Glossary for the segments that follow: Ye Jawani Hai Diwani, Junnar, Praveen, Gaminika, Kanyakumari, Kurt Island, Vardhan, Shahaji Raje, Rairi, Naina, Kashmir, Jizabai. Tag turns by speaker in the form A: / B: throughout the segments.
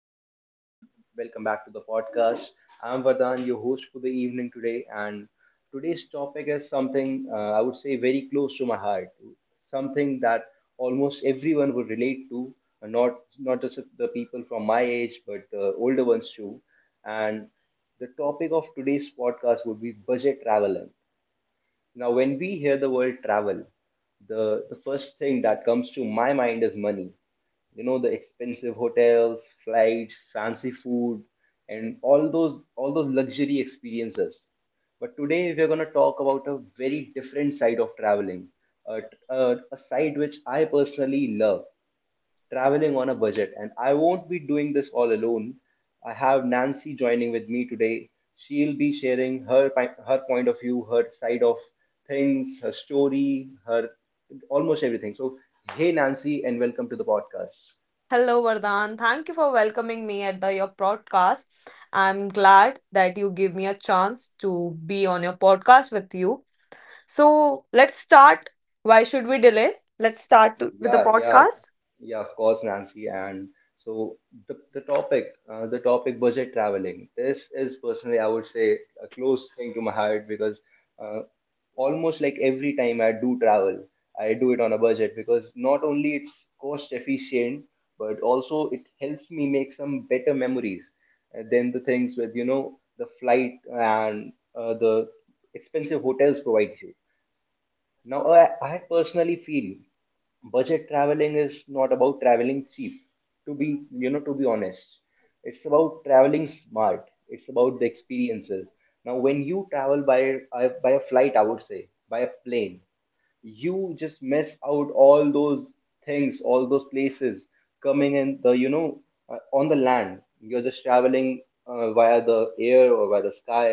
A: everyone, welcome back to the podcast. I'm Vardhan, your host for the evening today, and today's topic is something I would say very close to my heart, something that almost everyone would relate to, uh, not not just the people from my age, but the older ones too. And the topic of today's podcast would be budget traveling. Now, when we hear the word travel, the first thing that comes to my mind is money. You know, the expensive hotels, flights, fancy food, and all those luxury experiences. But today we're going to talk about a very different side of traveling, a, a side which I personally love: traveling on a budget. And I won't be doing this all alone. I have Nancy joining with me today. She'll be sharing her her point of view, her side of things, her story, her almost everything. So, hey Nancy, and welcome to the podcast.
B: Hello, Vardhan. Thank you for welcoming me at the your podcast. I'm glad that you give me a chance to be on your podcast with you. So let's start. Why should we delay? Let's start with the
A: Yeah, yeah,
B: podcast.
A: yeah, of course, Nancy. And so the, the topic, the topic, budget traveling. This is personally, I would say, a close thing to my heart because uh, almost like every time I do travel, I do it on a budget because not only it's cost efficient, but also it helps me make some better memories than the things with the flight and the expensive hotels provide you. Now, I personally feel budget traveling is not about traveling cheap. To be honest, it's about traveling smart. It's about the experiences. Now, when you travel by by a flight, I would say by a plane, you just miss out all those things, all those places coming in the, you know, on the land. You're just traveling via the air or via the sky.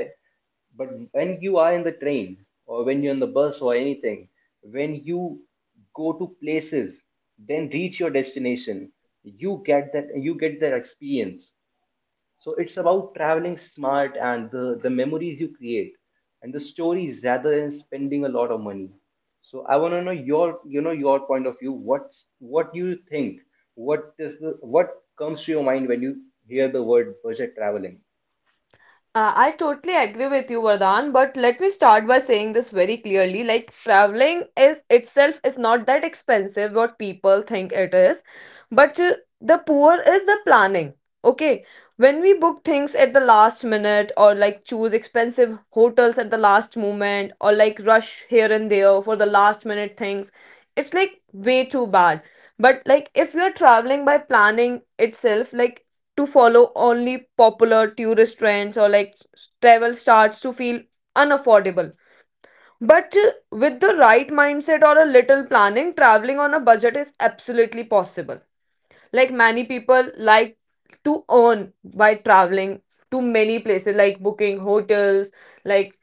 A: But when you are in the train, or when you're in the bus or anything, when you go to places, then reach your destination, you get that experience. So it's about traveling smart and the memories you create and the stories, rather than spending a lot of money. So I want to know your you know your point of view. What do you think? What is the what comes to your mind when you hear the word budget traveling?
B: I totally agree with you, Vardhan, but let me start by saying this very clearly. Like traveling is itself is not that expensive what people think it is, but the poor is the planning. Okay, when we book things at the last minute or like choose expensive hotels at the last moment or like rush here and there for the last minute things, it's like way too bad. But like if you're traveling by planning itself, like to follow only popular tourist trends or like travel starts to feel unaffordable. But with the right mindset or a little planning, traveling on a budget is absolutely possible. Like many people like to earn by traveling to many places like booking hotels, like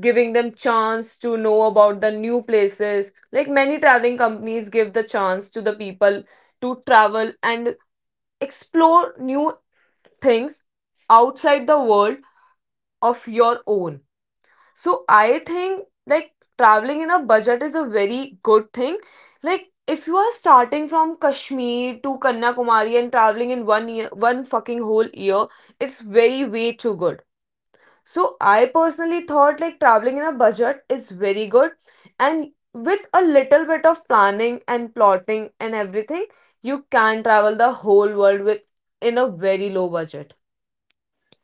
B: giving them chance to know about the new places like many traveling companies give the chance to the people to travel and explore new things outside the world of your own. So I think like traveling in a budget is a very good thing. Like if you are starting from Kashmir to Kanyakumari and traveling in one year, one fucking whole year, it's very way too good. So I personally thought like traveling in a budget is very good and with a little bit of planning and plotting and everything, you can travel the whole world with in a very low budget.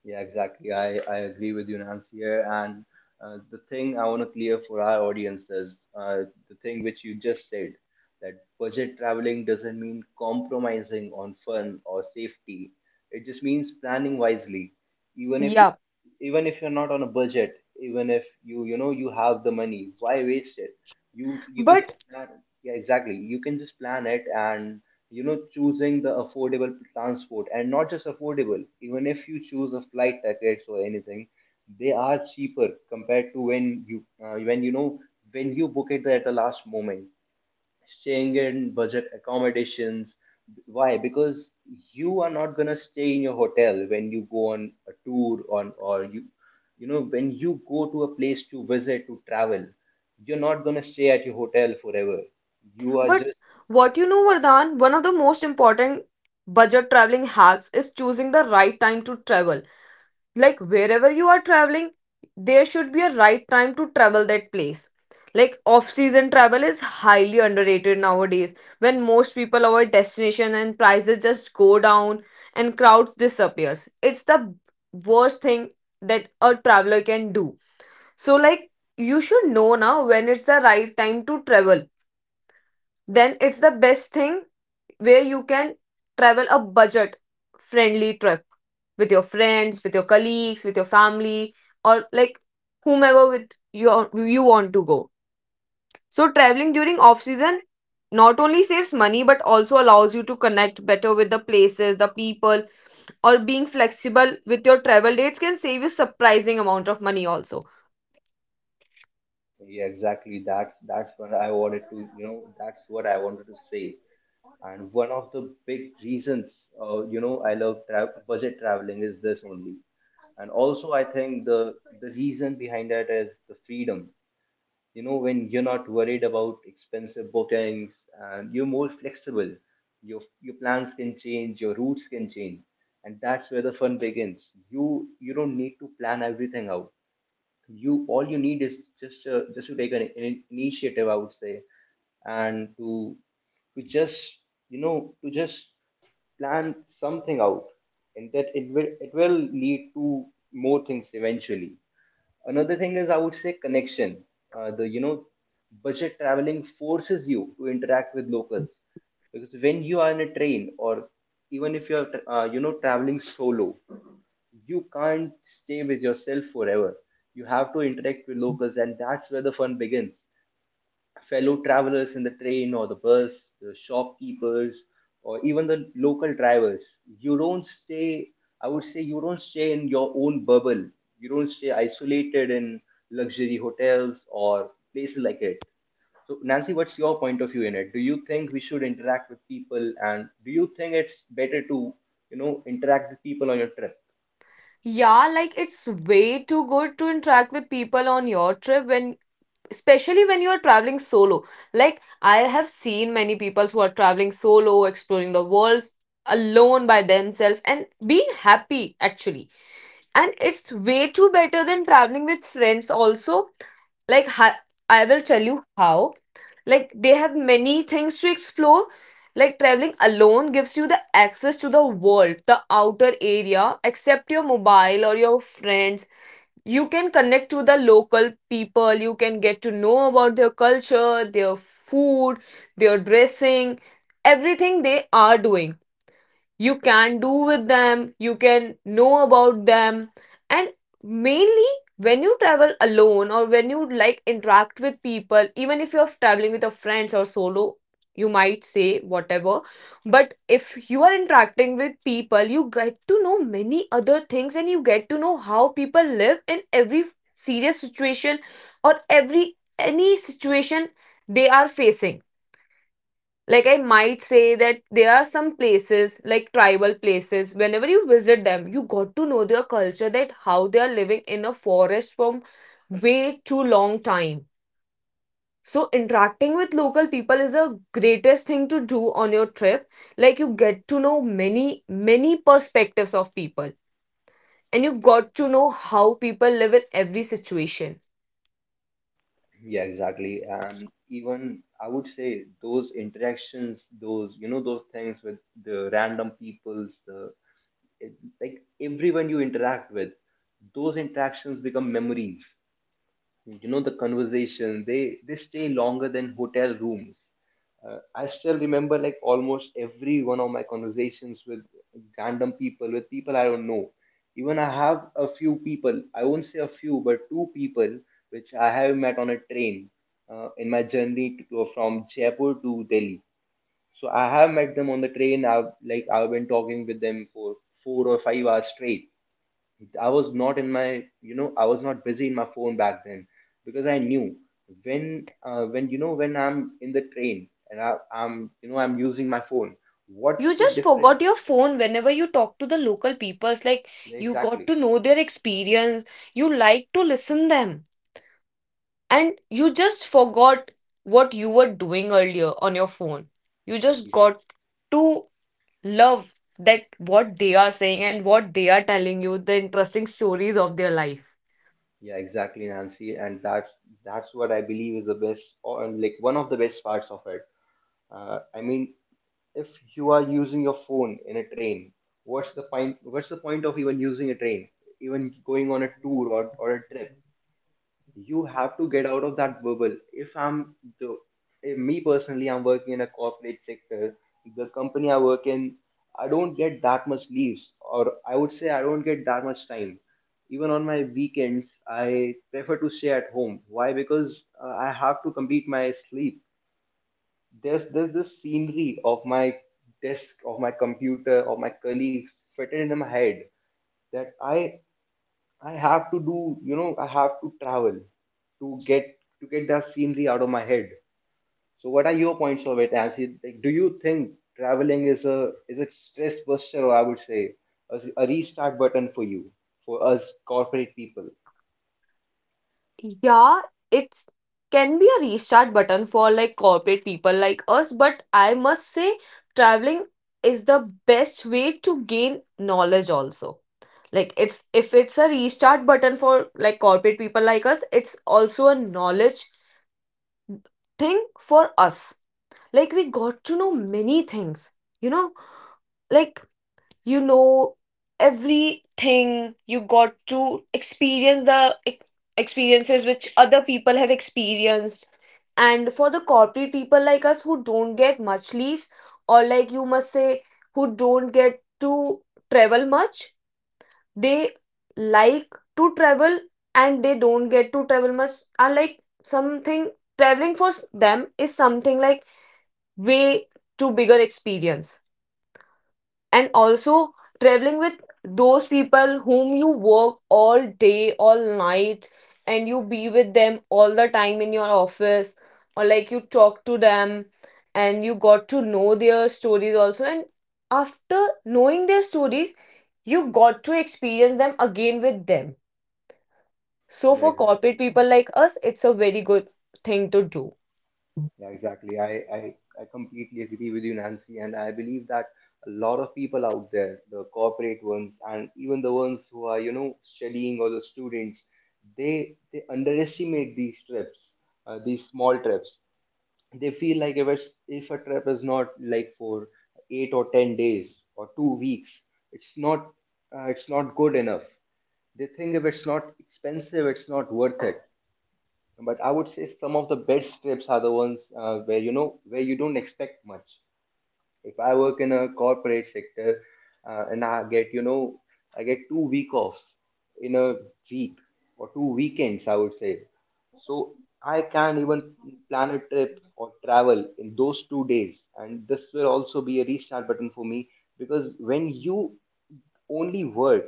A: Yeah, exactly. I agree with you, Nancy, here. And the thing I want to clear for our audience is the thing which you just said, that budget traveling doesn't mean compromising on fun or safety. It just means planning wisely. Even if
B: Yeah.
A: even if you're not on a budget, even if you have the money, why waste it? You can
B: But
A: just plan. Yeah, exactly, you can just plan it, and choosing the affordable transport. And not just affordable, even if you choose a flight tickets or anything, they are cheaper compared to when you know when you book it at the last moment, staying in budget accommodations. Why? Because you are not gonna stay in your hotel when you go on a tour on, or when you go to a place to visit, to travel, you're not gonna stay at your hotel forever. You are
B: But
A: just
B: what you know, Vardhan, one of the most important budget traveling hacks is choosing the right time to travel. Like wherever you are traveling, there should be a right time to travel that place. Like off season travel is highly underrated nowadays when most people avoid destination and prices just go down and crowds disappears. It's the worst thing that a traveler can do. So like you should know now when it's the right time to travel, then it's the best thing where you can travel a budget friendly trip with your friends, with your colleagues, with your family, or like whomever with your you want to go. So traveling during off season not only saves money but also allows you to connect better with the places, the people, or being flexible with your travel dates can save you surprising amount of money also.
A: Yeah, exactly. That's what I wanted to. That's what I wanted to say. And one of the big reasons, I love budget traveling is this only. And also I think the reason behind that is the freedom. You know, when you're not worried about expensive bookings and you're more flexible, your plans can change, your routes can change, and that's where the fun begins. You don't need to plan everything out. You all you need is just just to take an initiative, I would say, and to just to just plan something out, and that it will lead to more things eventually. Another thing is, I would say, connection. Uh, the you know budget traveling forces you to interact with locals, because when you are in a train, or even if you are traveling solo, you can't stay with yourself forever. You have to interact with locals, and that's where the fun begins. Fellow travelers in the train or the bus, the shopkeepers, or even the local drivers. You don't stay, I would say, you don't stay in your own bubble. You don't stay isolated in luxury hotels or places like it. So, Nancy, what's your point of view in it? Do you think we should interact with people, and do you think it's better to interact with people on your trip?
B: Yeah, like it's way too good to interact with people on your trip when, especially when you are traveling solo. Like I have seen many people who are traveling solo, exploring the world alone by themselves and being happy actually. And it's way too better than traveling with friends also. Like hi- i will tell you how. Like they have many things to explore. Like traveling alone gives you the access to the world, the outer area except your mobile or your friends. You can connect to the local people, you can get to know about their culture, their food, their dressing, everything they are doing you can do with them, you can know about them. And mainly, when you travel alone or when you like interact with people, even if you're traveling with your friends or solo, you might say whatever. But if you are interacting with people, you get to know many other things and you get to know how people live in every serious situation or every any situation they are facing. Like I might say that there are some places like tribal places whenever you visit them you got to know their culture, that how they are living in a forest from way too long time. So interacting with local people is a greatest thing to do on your trip. Like you get to know many many perspectives of people and you got to know how people live in every situation.
A: Yeah, exactly. And even I would say those interactions, those things with the random peoples, it, like everyone you interact with, those interactions become memories. The conversation, they stay longer than hotel rooms. I still remember, like, almost every one of my conversations with random people, with people I don't know. Even I have a few people I won't say a few but two people which I have met on a train, in my journey to go from Jaipur to Delhi. So I have met them on the train. I've been talking with them for 4 or 5 hours straight. I was not busy in my phone back then because I knew when, when I'm in the train and I, I'm, you know, I'm using my phone, what's
B: You
A: the
B: just
A: difference?
B: forgot your phone whenever you talk to the local peoples. Like
A: Yeah,
B: you got
A: exactly.
B: to know their experience. You like to listen them. And you just forgot what you were doing earlier on your phone. You just
A: Yeah,
B: got to love that what they are saying and what they are telling you, the interesting stories of their life.
A: yeah, exactly, Nancy. And that's what I believe is the best, or like one of the best parts of it. I mean, if you are using your phone in a train, what's the point? What's the point of even using a train, even going on a tour or a trip? You have to get out of that bubble. If me personally, I'm working in a corporate sector. The company I work in, I don't get that much leaves, or I would say I don't get that much time. Even on my weekends, I prefer to stay at home. Why? Because I have to complete my sleep. There's this scenery of my desk, of my computer, of my colleagues fitted in my head, that I have to do, you know, I have to travel to get that scenery out of my head. So what are your points of it, Nancy? Like, do you think traveling is a stress buster, or I would say a restart button for you, for us corporate people?
B: Yeah, it's can be a restart button for like corporate people like us, but I must say traveling is the best way to gain knowledge also. Like it's if it's a restart button for like corporate people like us, it's also a knowledge thing for us. Like we got to know many things, you know? Like you know everything you got to experience the experiences which other people have experienced. And for the corporate people like us who don't get much leaves or like you must say who don't get to travel much, they like to travel and they don't get to travel much are like something, traveling for them is something like way too bigger experience. And also traveling with those people whom you work all day all night and you be with them all the time in your office or like you talk to them and you got to know their stories also, and after knowing their stories you got to experience them again with them. So
A: Yeah,
B: for corporate
A: exactly.
B: people like us it's a very good thing to do.
A: Yeah, exactly. I completely agree with you, Nancy. And I believe that a lot of people out there, the corporate ones, and even the ones who are, you know, studying, or the students, they underestimate these trips, these small trips. They feel like, if a trip is not like for 8 or 10 days or 2 weeks, it's not it's not good enough. They think if it's not expensive, it's not worth it. But I would say some of the best trips are the ones where you don't expect much. If I work in a corporate sector, and I get you know I get 2 week offs in a week, or 2 weekends, I would say. So I can't even plan a trip or travel in those 2 days, and this will also be a restart button for me because when you only work,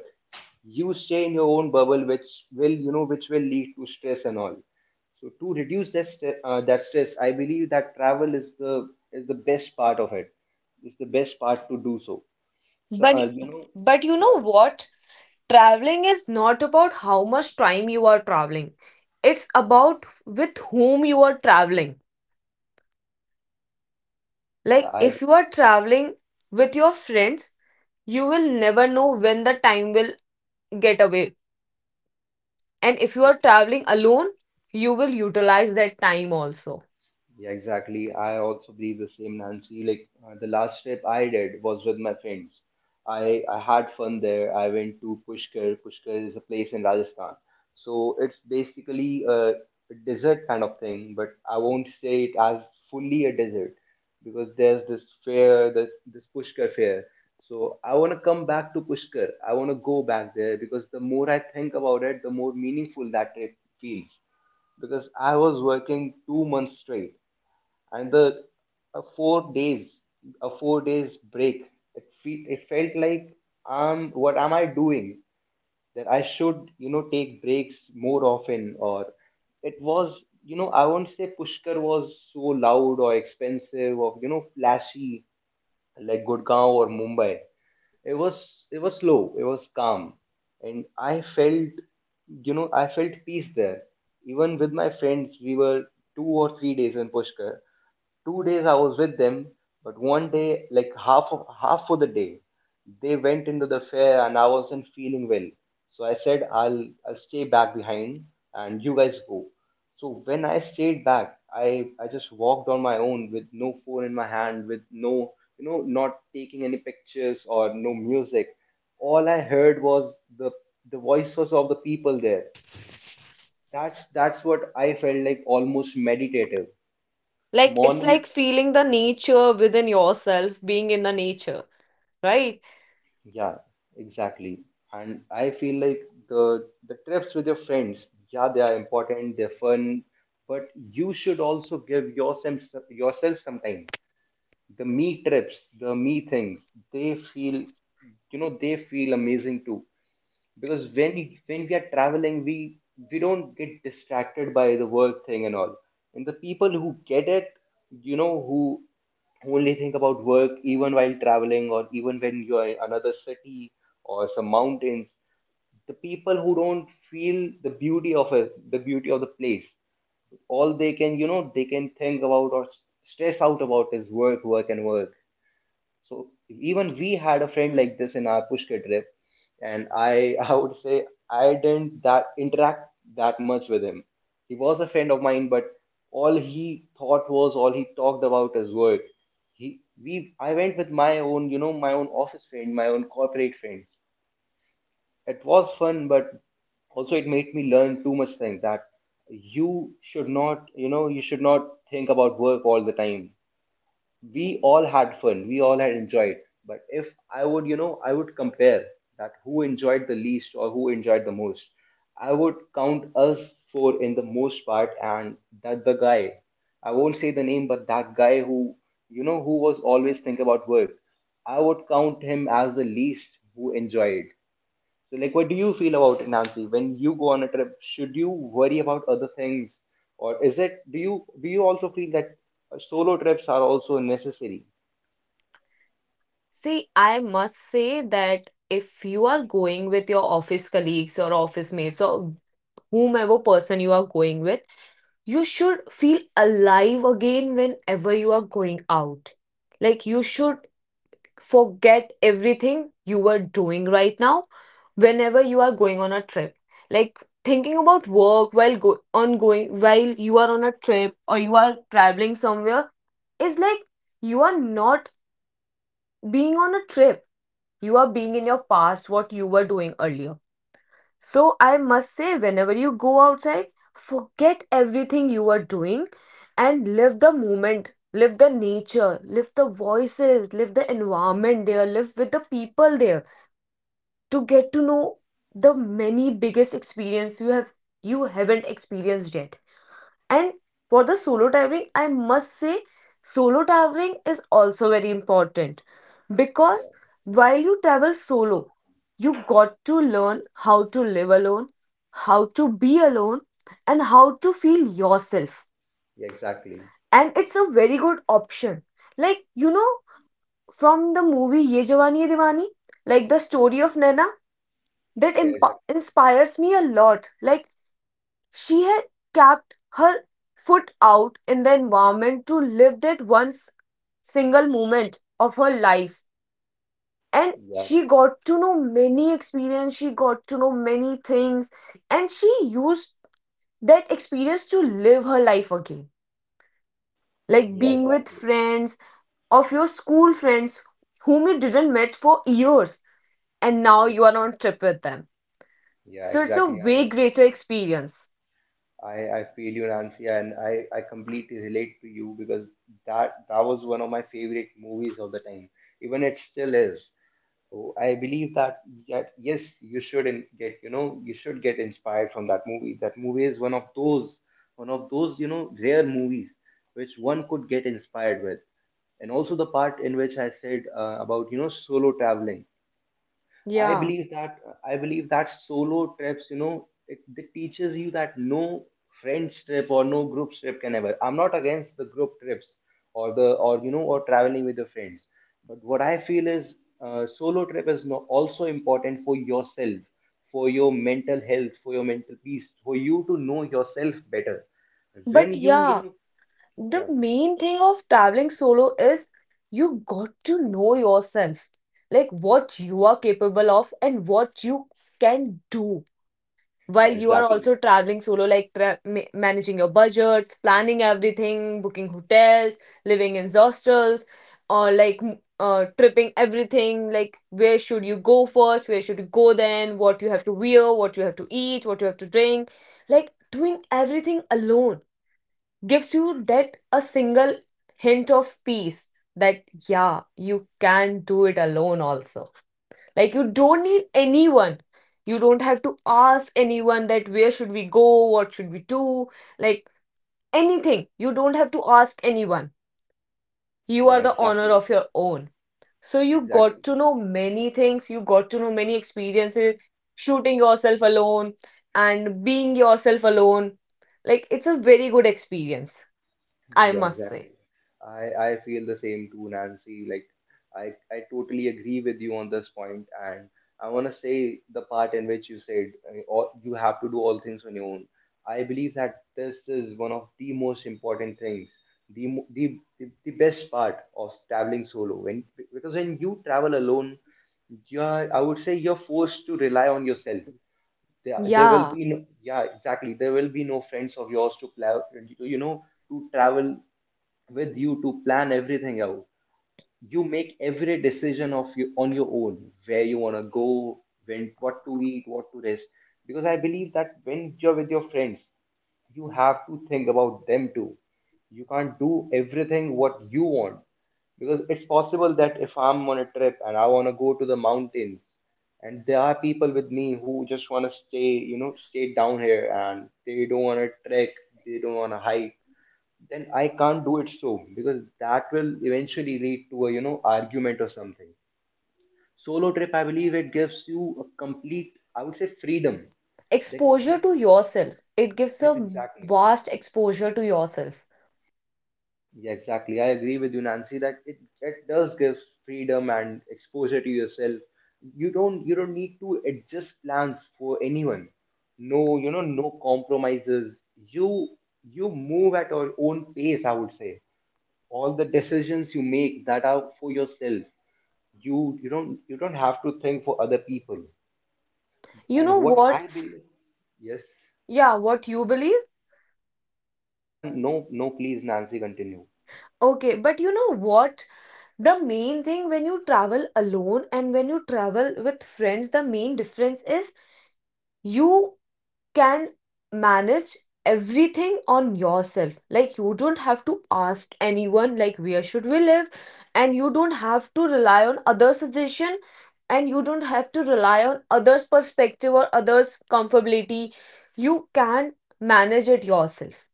A: you stay in your own bubble, which will lead to stress and all. So to reduce that stress, I believe that travel is the best part of it. It's the best part to do. So, so
B: but but you know
A: yeah,
B: what, traveling is not about how much time you are traveling, it's about with whom you are traveling.
A: yeah.
B: Like
A: I
B: if you are traveling with your friends you will never know when the time will get away, and if you are traveling alone you will utilize that time also.
A: Yeah, exactly. I also believe the same, Nancy. Like, the last trip I did was with my friends. I had fun there. I went to Pushkar. Pushkar is a place in Rajasthan. So it's basically a desert kind of thing, but I won't say it as fully a desert because there's this fair, this Pushkar fair. So I want to come back to Pushkar. I want to go back there because the more I think about it, the more meaningful that trip feels because I was working 2 months straight and the uh, four days four days break. It felt like, what am I doing? That I should, take breaks more often. Or it was, I won't say Pushkar was so loud or expensive or, flashy, like Gurgaon or Mumbai. It was slow, it was calm, and I felt, I felt peace there. Even with my friends, we were 2 or 3 days in Pushkar. 2 days I was with them, but one day, like half of half for the day, they went into the fair and I wasn't feeling well. So I said I'll stay back behind and you guys go. So when I stayed back, I just walked on my own with no phone in my hand, with no, not taking any pictures or no music. All I heard was the voices of the people there. That's what I felt, like almost meditative
B: Like it's
A: morning.
B: like feeling the nature within yourself, being in the nature, right?
A: Yeah, exactly. And I feel like the trips with your friends, yeah, they are important, they're fun, but you should also give yourself some time. The me trips, the me things, they feel, they feel amazing too, because when we are traveling, we don't get distracted by the work thing and all. And the people who get it, who only think about work even while traveling, or even when you're in another city or some mountains, the people who don't feel the beauty of it, the beauty of the place, all they can, they can think about, or stress out about, is work, work, and work. So even we had a friend like this in our Pushkar trip, and I I would say I didn't that interact that much with him. He was a friend of mine, but all he thought was, all he talked about is work. He we I went with my own, my own office friend, my own corporate friends. It was fun, but also it made me learn too much things, that you should not, you should not think about work all the time. We all had fun, we all had enjoyed. But if I would, I would compare that who enjoyed the least or who enjoyed the most, I would count us four in the most part, and that the guy, I won't say the name, but that guy who, who was always thinking about work, I would count him as the least who enjoyed. So, like, what do you feel about it, Nancy? When you go on a trip, should you worry about other things, or is it? Do you also feel that, solo trips are also necessary?
B: See, I must say that if you are going with your office colleagues or office mates or whomever person you are going with, you should feel alive again whenever you are going out. Like you should forget everything you were doing right now whenever you are going on a trip. Like thinking about work while go on going while you are on a trip or you are traveling somewhere is like you are not being on a trip. You are being in your past what you were doing earlier. So I must say, whenever you go outside, forget everything you are doing and live the moment, live the nature, live the voices, live the environment there, live with the people there to get to know the many biggest experience you have you haven't experienced yet. And for the solo traveling, I must say, solo traveling is also very important
A: Yeah,
B: because while you travel solo, you got to learn how to live alone, how to be alone, and how to feel yourself.
A: yeah, exactly.
B: And it's a very good option. Like, you know, from the movie Ye Jawani Hai Diwani, like the story of Naina, that
A: Yeah,
B: imp-
A: exactly.
B: inspires me a lot. Like, she had kept her foot out in the environment to live that single moment of her life. And
A: Yeah,
B: she got to know many experience, she got to know many things, and she used that experience to live her life again. Like
A: yeah,
B: being with
A: exactly.
B: friends, of your school friends whom you didn't met for years and now
A: Yeah,
B: you are on a trip with them.
A: yeah,
B: So it's a
A: exactly.
B: way greater experience.
A: I feel you, Nancy, and I completely relate to you because that was one of my favorite movies of the time. Even it still is. So I believe that, that yes, you should get, you should get inspired from that movie. That movie is one of those, one of those, rare movies which one could get inspired with. And also the part in which I said, about, solo traveling. I
B: Yeah.
A: believe that I believe that solo trips, it teaches you that no friends trip or no group trip can ever. I'm not against the group trips or the or, or traveling with your friends, but what I feel is, solo trip is no, also important for yourself, for your mental health, for your mental peace, for you to know yourself better. When
B: But
A: you
B: yeah,
A: know
B: the
A: yes,
B: main thing of traveling solo is you got to know yourself, like what you are capable of and what you can do while
A: yeah,
B: you are
A: exactly,
B: also traveling solo, like managing your budgets, planning everything, booking hotels, living in hostels, or like tripping everything. Like, where should you go first? Where should you go then? What you have to wear, what you have to eat, what you have to drink, like doing everything alone gives you that a single hint of peace that yeah you can do it alone also. Like you don't need anyone, you don't have to ask anyone that where should we go, what should we do. Like anything, you don't have to ask anyone. You are
A: yeah,
B: the owner
A: exactly,
B: of your own. So you got
A: exactly.
B: to know many things, you got to know many experiences, shooting yourself alone and being yourself alone. Like it's a very good experience, I
A: Yeah,
B: must say.
A: exactly. I feel the same too, Nancy. Like I totally agree with you on this point, and I want to say the part in which you said, all, you have to do all things on your own. I believe that this is one of the most important things, the mo- the best part of traveling solo. When, because when you travel alone, you're, I would say, you're forced to rely on yourself. There will
B: Yeah,
A: be no, yeah, exactly. There will be no friends of yours to plow, you know, to travel with you, to plan everything out. You make every decision of you on your own, where you wanna go, when what to eat, what to rest. Because I believe that when you're with your friends, you have to think about them too. You can't do everything what you want. Because it's possible that if I'm on a trip and I wanna go to the mountains, and there are people with me who just wanna stay, stay down here, and they don't wanna trek, they don't wanna hike, then I can't do it, so, because that will eventually lead to a, argument or something. Solo trip, I believe it gives you a complete, I would say, freedom. That
B: exposure
A: yes,
B: to yourself. It gives
A: yes,
B: a
A: exactly.
B: vast exposure to yourself.
A: Yeah, exactly. I agree with you, Nancy, that it does give freedom and exposure to yourself. You don't need to adjust plans for anyone. No, no compromises. You move at your own pace, I would say. All the decisions you make that are for yourself, you don't have to think for other people.
B: You
A: And
B: know
A: what
B: what?
A: I believe Yes,
B: Yeah, what you believe?
A: yeah, no, no, please, Nancy, continue.
B: Okay, but you know what? The main thing when you travel alone and when you travel with friends, the main difference is you can manage everything on yourself, like you don't have to ask anyone, like where should we live, and you don't have to rely on other suggestion, and you don't have to rely on others perspective or others comfortability. You can manage it yourself.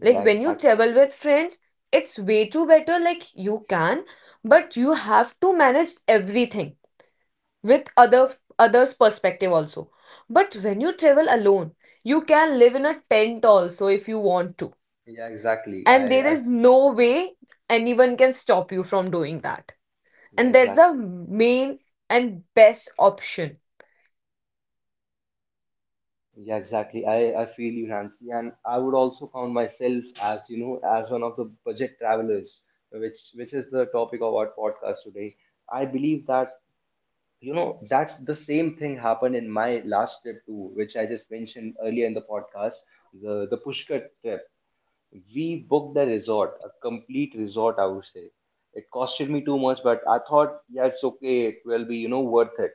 B: Like when you
A: exactly.
B: travel with friends, it's way too better, like you can, but you have to manage everything with
A: Yeah,
B: others perspective also. But when you travel alone, you can live in a tent also if you want to,
A: yeah, exactly.
B: and there
A: I
B: is no way anyone can stop you from doing that.
A: Yeah,
B: And that's the
A: exactly.
B: main and best option.
A: Yeah, exactly. I feel you, Nancy, and I would also count myself as, as one of the budget travelers, which is the topic of our podcast today. I believe that, that the same thing happened in my last trip too, which I just mentioned earlier in the podcast, the Pushkar trip. We booked the resort, a complete resort, I would say. It costed me too much, but I thought, yeah, it's okay. It will be, worth it.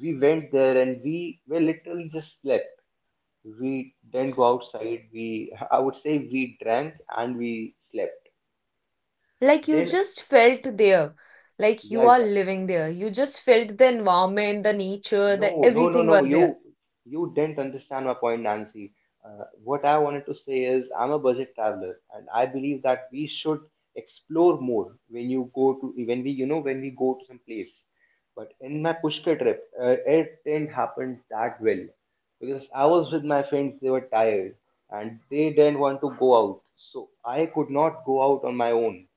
A: We went there and we were literally just slept. We didn't go outside. We, I would say, we drank and we slept.
B: Like you
A: Then,
B: just felt there, like
A: yeah,
B: you are
A: exactly.
B: living there, you just felt the environment, the nature, the
A: No, no, no,
B: everything
A: no.
B: was there.
A: You didn't understand my point, Nancy. What I wanted to say is, I'm a budget traveler, and I believe that we should explore more when you go to, when we go to some place. But in my Pushkar trip, it didn't happen that well because I was with my friends. They were tired and they didn't want to go out, so I could not go out on my own.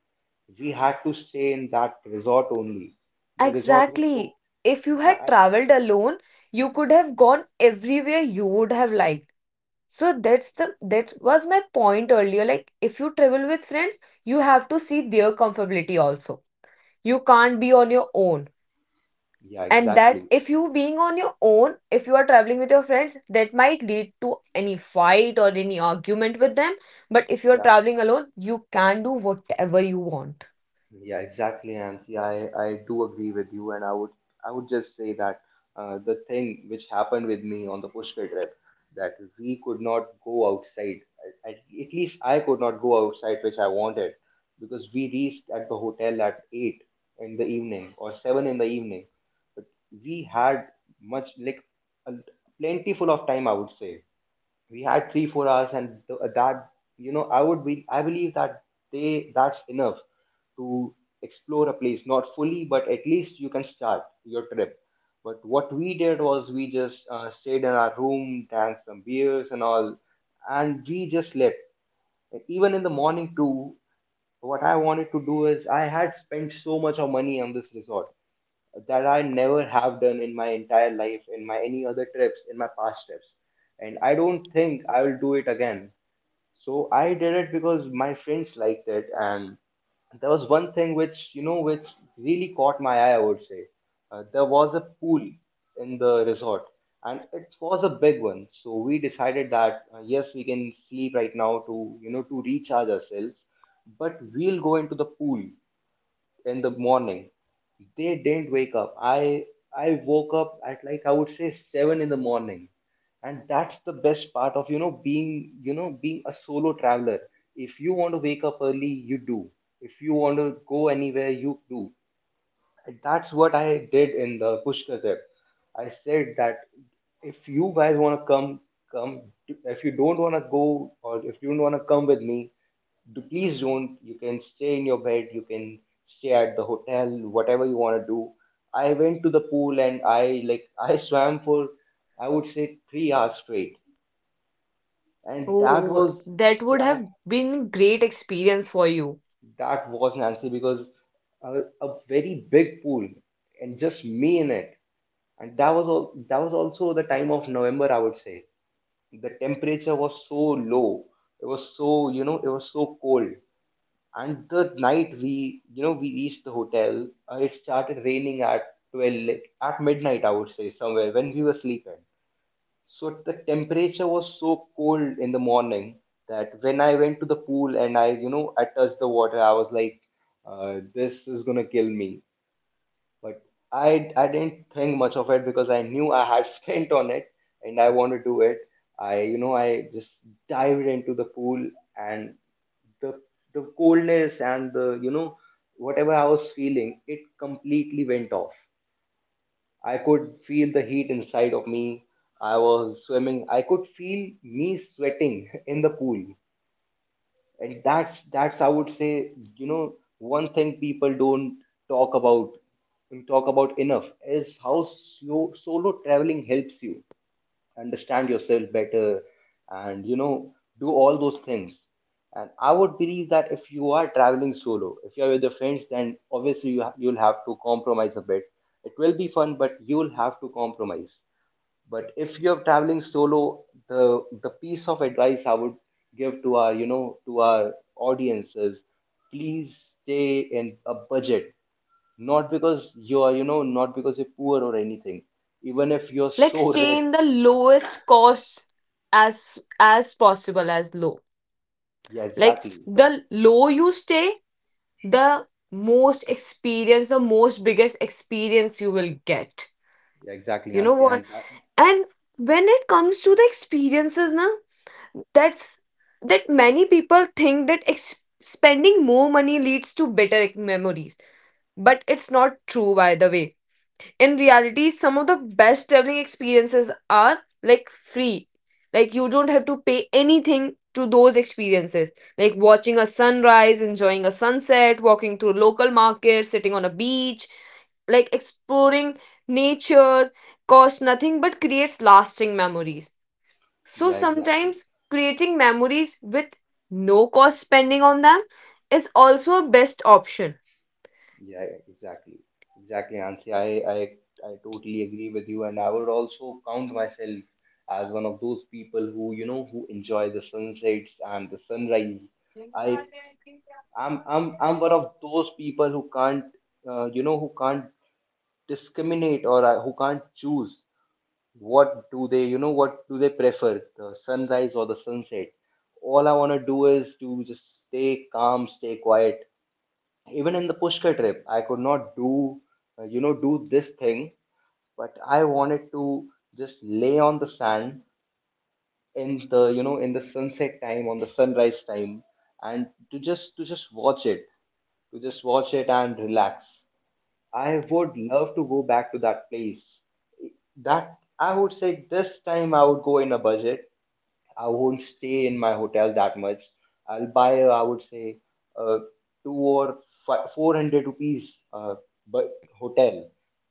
A: We had to stay in that resort only. The resort we took.
B: Exactly. If you
A: Yeah,
B: had
A: I-
B: traveled alone, you could have gone everywhere you would have liked. So that was my point earlier. Like if you travel with friends, you have to see their comfortability also. You can't be on your own.
A: yeah,
B: And that
A: exactly.
B: if you being on your own, if you are traveling with your friends, that might lead to any fight or any argument with them. But if you're
A: Yeah,
B: traveling alone, you can do whatever you want.
A: yeah, exactly, Nancy. I do agree with you, and I would just say that, the thing which happened with me on the Pushkar trip, that we could not go outside. At least I could not go outside, which I wanted, because we reached at the hotel at 8 in the evening or 7 in the evening. But we had much like a, plentiful of time, I would say, we had 3 4 hours and that, I would be I believe that they that's enough to explore a place, not fully, but at least you can start your trip. But what we did was we just, stayed in our room, drank some beers and all, and we just slept. And even in the morning too, what I wanted to do is, I had spent so much of money on this resort that I never have done in my entire life, in my any other trips, in my past trips. And I don't think I will do it again. So I did it because my friends liked it, and there was one thing which, which really caught my eye, I would say. There was a pool in the resort, and it was a big one, so we decided that, yes, we can sleep right now to, to recharge ourselves, but we'll go into the pool in the morning. They didn't wake up. I woke up at like, I would say, 7 in the morning, and that's the best part of, being, being a solo traveler. If you want to wake up early, you do. If you want to go anywhere, you do. And that's what I did in the Pushkar trip. I said that if you guys want to come, come. If you don't want to go, or if you don't want to come with me, do please don't. You can stay in your bed, you can stay at the hotel, whatever you want to do. I went to the pool and I like I swam for, I would say, 3 hours straight. And that
B: Oh,
A: was
B: that would
A: that,
B: have been great experience for you.
A: that was Nancy, because a very big pool and just me in it. And that was also the time of November, I would say. The temperature was so low. It was so, it was so cold. And the night we, we reached the hotel, it started raining at 12, like, at midnight, I would say, somewhere when we were sleeping. So the temperature was so cold in the morning that when I went to the pool and I, I touched the water, I was like, this is gonna kill me. But I didn't think much of it because I knew I had spent on it and I wanted to do it. I, I just dived into the pool, and the the coldness and the, whatever I was feeling, it completely went off. I could feel the heat inside of me. I was swimming, I could feel me sweating in the pool. And that's, I would say, one thing people don't talk about talk about enough is how slow, solo traveling helps you understand yourself better and, do all those things. And I would believe that if you are traveling solo, if you are with your friends, then obviously you you'll have to compromise a bit. It will be fun, but you'll have to compromise. But if you're traveling solo, the piece of advice I would give to our, to our audiences: please stay in a budget. Not because you are, not because you're poor or anything, even if you're
B: Like
A: so
B: stay
A: rich.
B: in the lowest cost as possible as low.
A: Yeah,
B: Like
A: exactly.
B: the low you stay, the most experience, the most biggest experience you will get.
A: Yeah, exactly,
B: You know
A: Nancy.
B: what?
A: And that,
B: And when it comes to the experiences na, that's, that many people think that spending more money leads to better, like, memories, but it's not true, by the way. In reality, some of the best traveling experiences are like free. Like you don't have to pay anything to those experiences. Like watching a sunrise, enjoying a sunset, walking through local markets, sitting on a beach, like exploring nature costs nothing but creates lasting memories. So
A: yeah, exactly.
B: sometimes creating memories with no cost spending on them is also a best option.
A: Yeah, exactly. Exactly, Nancy. I totally agree with you. And I would also count myself as one of those people who, who enjoy the sunsets and the sunrise. I, I'm one of those people who can't, who can't discriminate, or who can't choose what do they, what do they prefer, the sunrise or the sunset. All I want to do is to just stay calm, stay quiet. Even in the Pushkar trip, I could not do, do this thing, but I wanted to just lay on the sand in the, in the sunset time, on the sunrise time, and to just watch it, to just watch it and relax. I would love to go back to that place. That, I would say, this time I would go in a budget. I won't stay in my hotel that much. I'll buy, I would say, uh, two or fi 400 rupees, but hotel.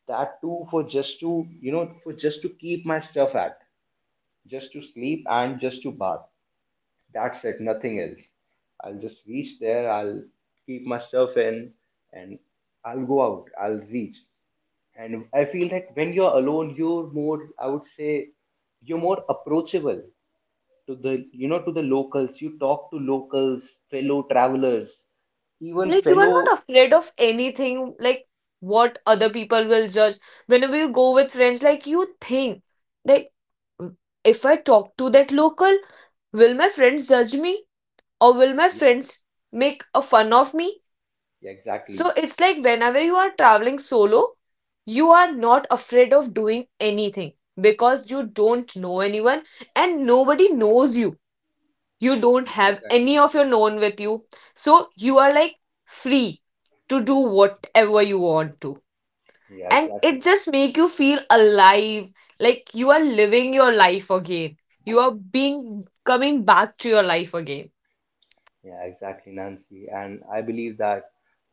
A: That too for just to, for just to keep my stuff at, just to sleep and just to bath. That's it, nothing else. I'll just reach there, I'll keep my stuff in, and I'll go out, I'll reach. And I feel that when you're alone, you're more, I would say, you're more approachable to the, to the locals. You talk to locals, fellow travelers, even
B: Like you are
A: fellow.
B: not afraid of anything, like what other people will judge. Whenever you go with friends, like you think that, "Mm, if I talk to that local, will my friends judge me, or will my friends make a fun of me?"
A: Yeah,
B: So
A: exactly.
B: it's like whenever you are traveling solo, you are not afraid of doing anything, because you don't know anyone and nobody knows you. You don't
A: Yeah,
B: have any
A: exactly.
B: of your known with you. So you are like free to do whatever you want to.
A: Yeah,
B: And it
A: exactly.
B: just make you feel alive, like you are living your life again, you are being coming back to your life again.
A: Yeah, exactly, Nancy. And I believe that,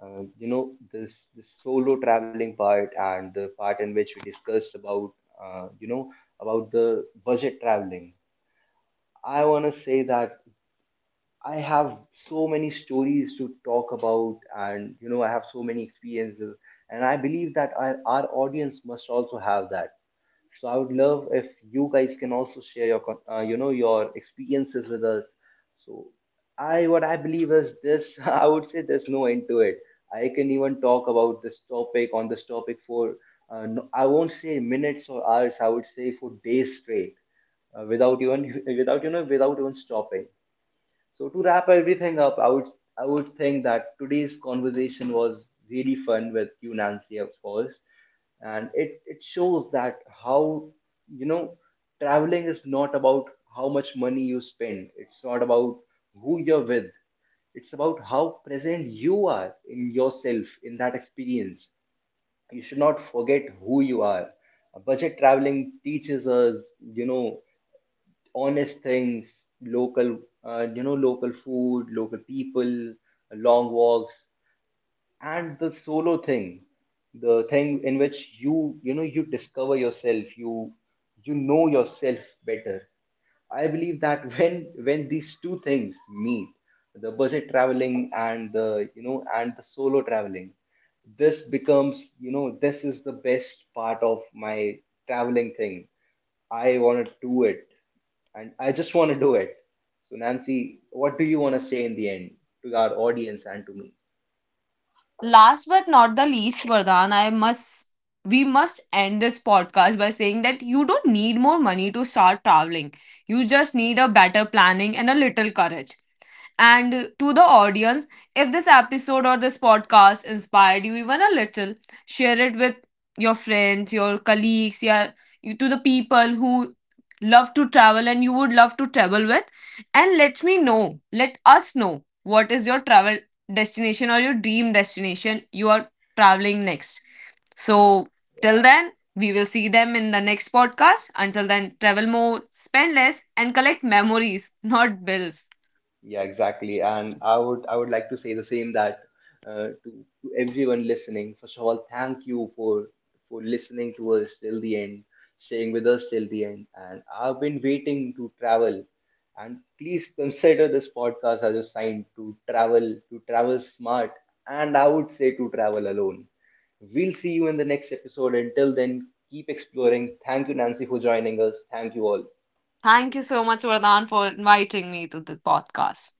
A: this solo traveling part and the part in which we discussed about, uh, you know about the budget traveling, I want to say that I have so many stories to talk about, and, I have so many experiences, and I believe that our audience must also have that. So I would love if you guys can also share your, your experiences with us. So I, what I believe is this, I would say there's no end to it. I can even talk about this topic for, no, I won't say minutes or hours. I would say for days straight, without even, without you know, without even stopping. So to wrap everything up, I would think that today's conversation was really fun with you, Nancy, of course, and it shows that how, you know traveling is not about how much money you spend. It's not about who you're with. It's about how present you are in yourself in that experience. You should not forget who you are. Budget traveling teaches us, honest things, local, local food, local people, long walks, and the solo thing, the thing in which you, you discover yourself, you know yourself better. I believe that when these two things meet, the budget traveling and the, and the solo traveling, this becomes, this is the best part of my traveling thing. I want to do it, and I just want to do it. So, Nancy, what do you want to say in the end to our audience and to me?
B: Last but not the least, Vardhan, I must we must end this podcast by saying that you don't need more money to start traveling. You just need a better planning and a little courage. And to the audience, if this episode or this podcast inspired you even a little, share it with your friends, your colleagues, your, you, to the people who love to travel and you would love to travel with. And let me know, let us know what is your travel destination or your dream destination you are traveling next. So, till
A: Yeah.
B: then, we will see them in the next podcast. Until then, travel more, spend less, and collect memories, not bills.
A: Yeah, exactly. And I would, like to say the same, that to everyone listening. First of all, thank you for, listening to us till the end, staying with us till the end. And I've been waiting to travel. And please consider this podcast as a sign to travel smart, and I would say to travel alone. We'll see you in the next episode. Until then, keep exploring. Thank you, Nancy, for joining us. Thank you all.
B: Thank you so much, Vardhan, for inviting me to this podcast.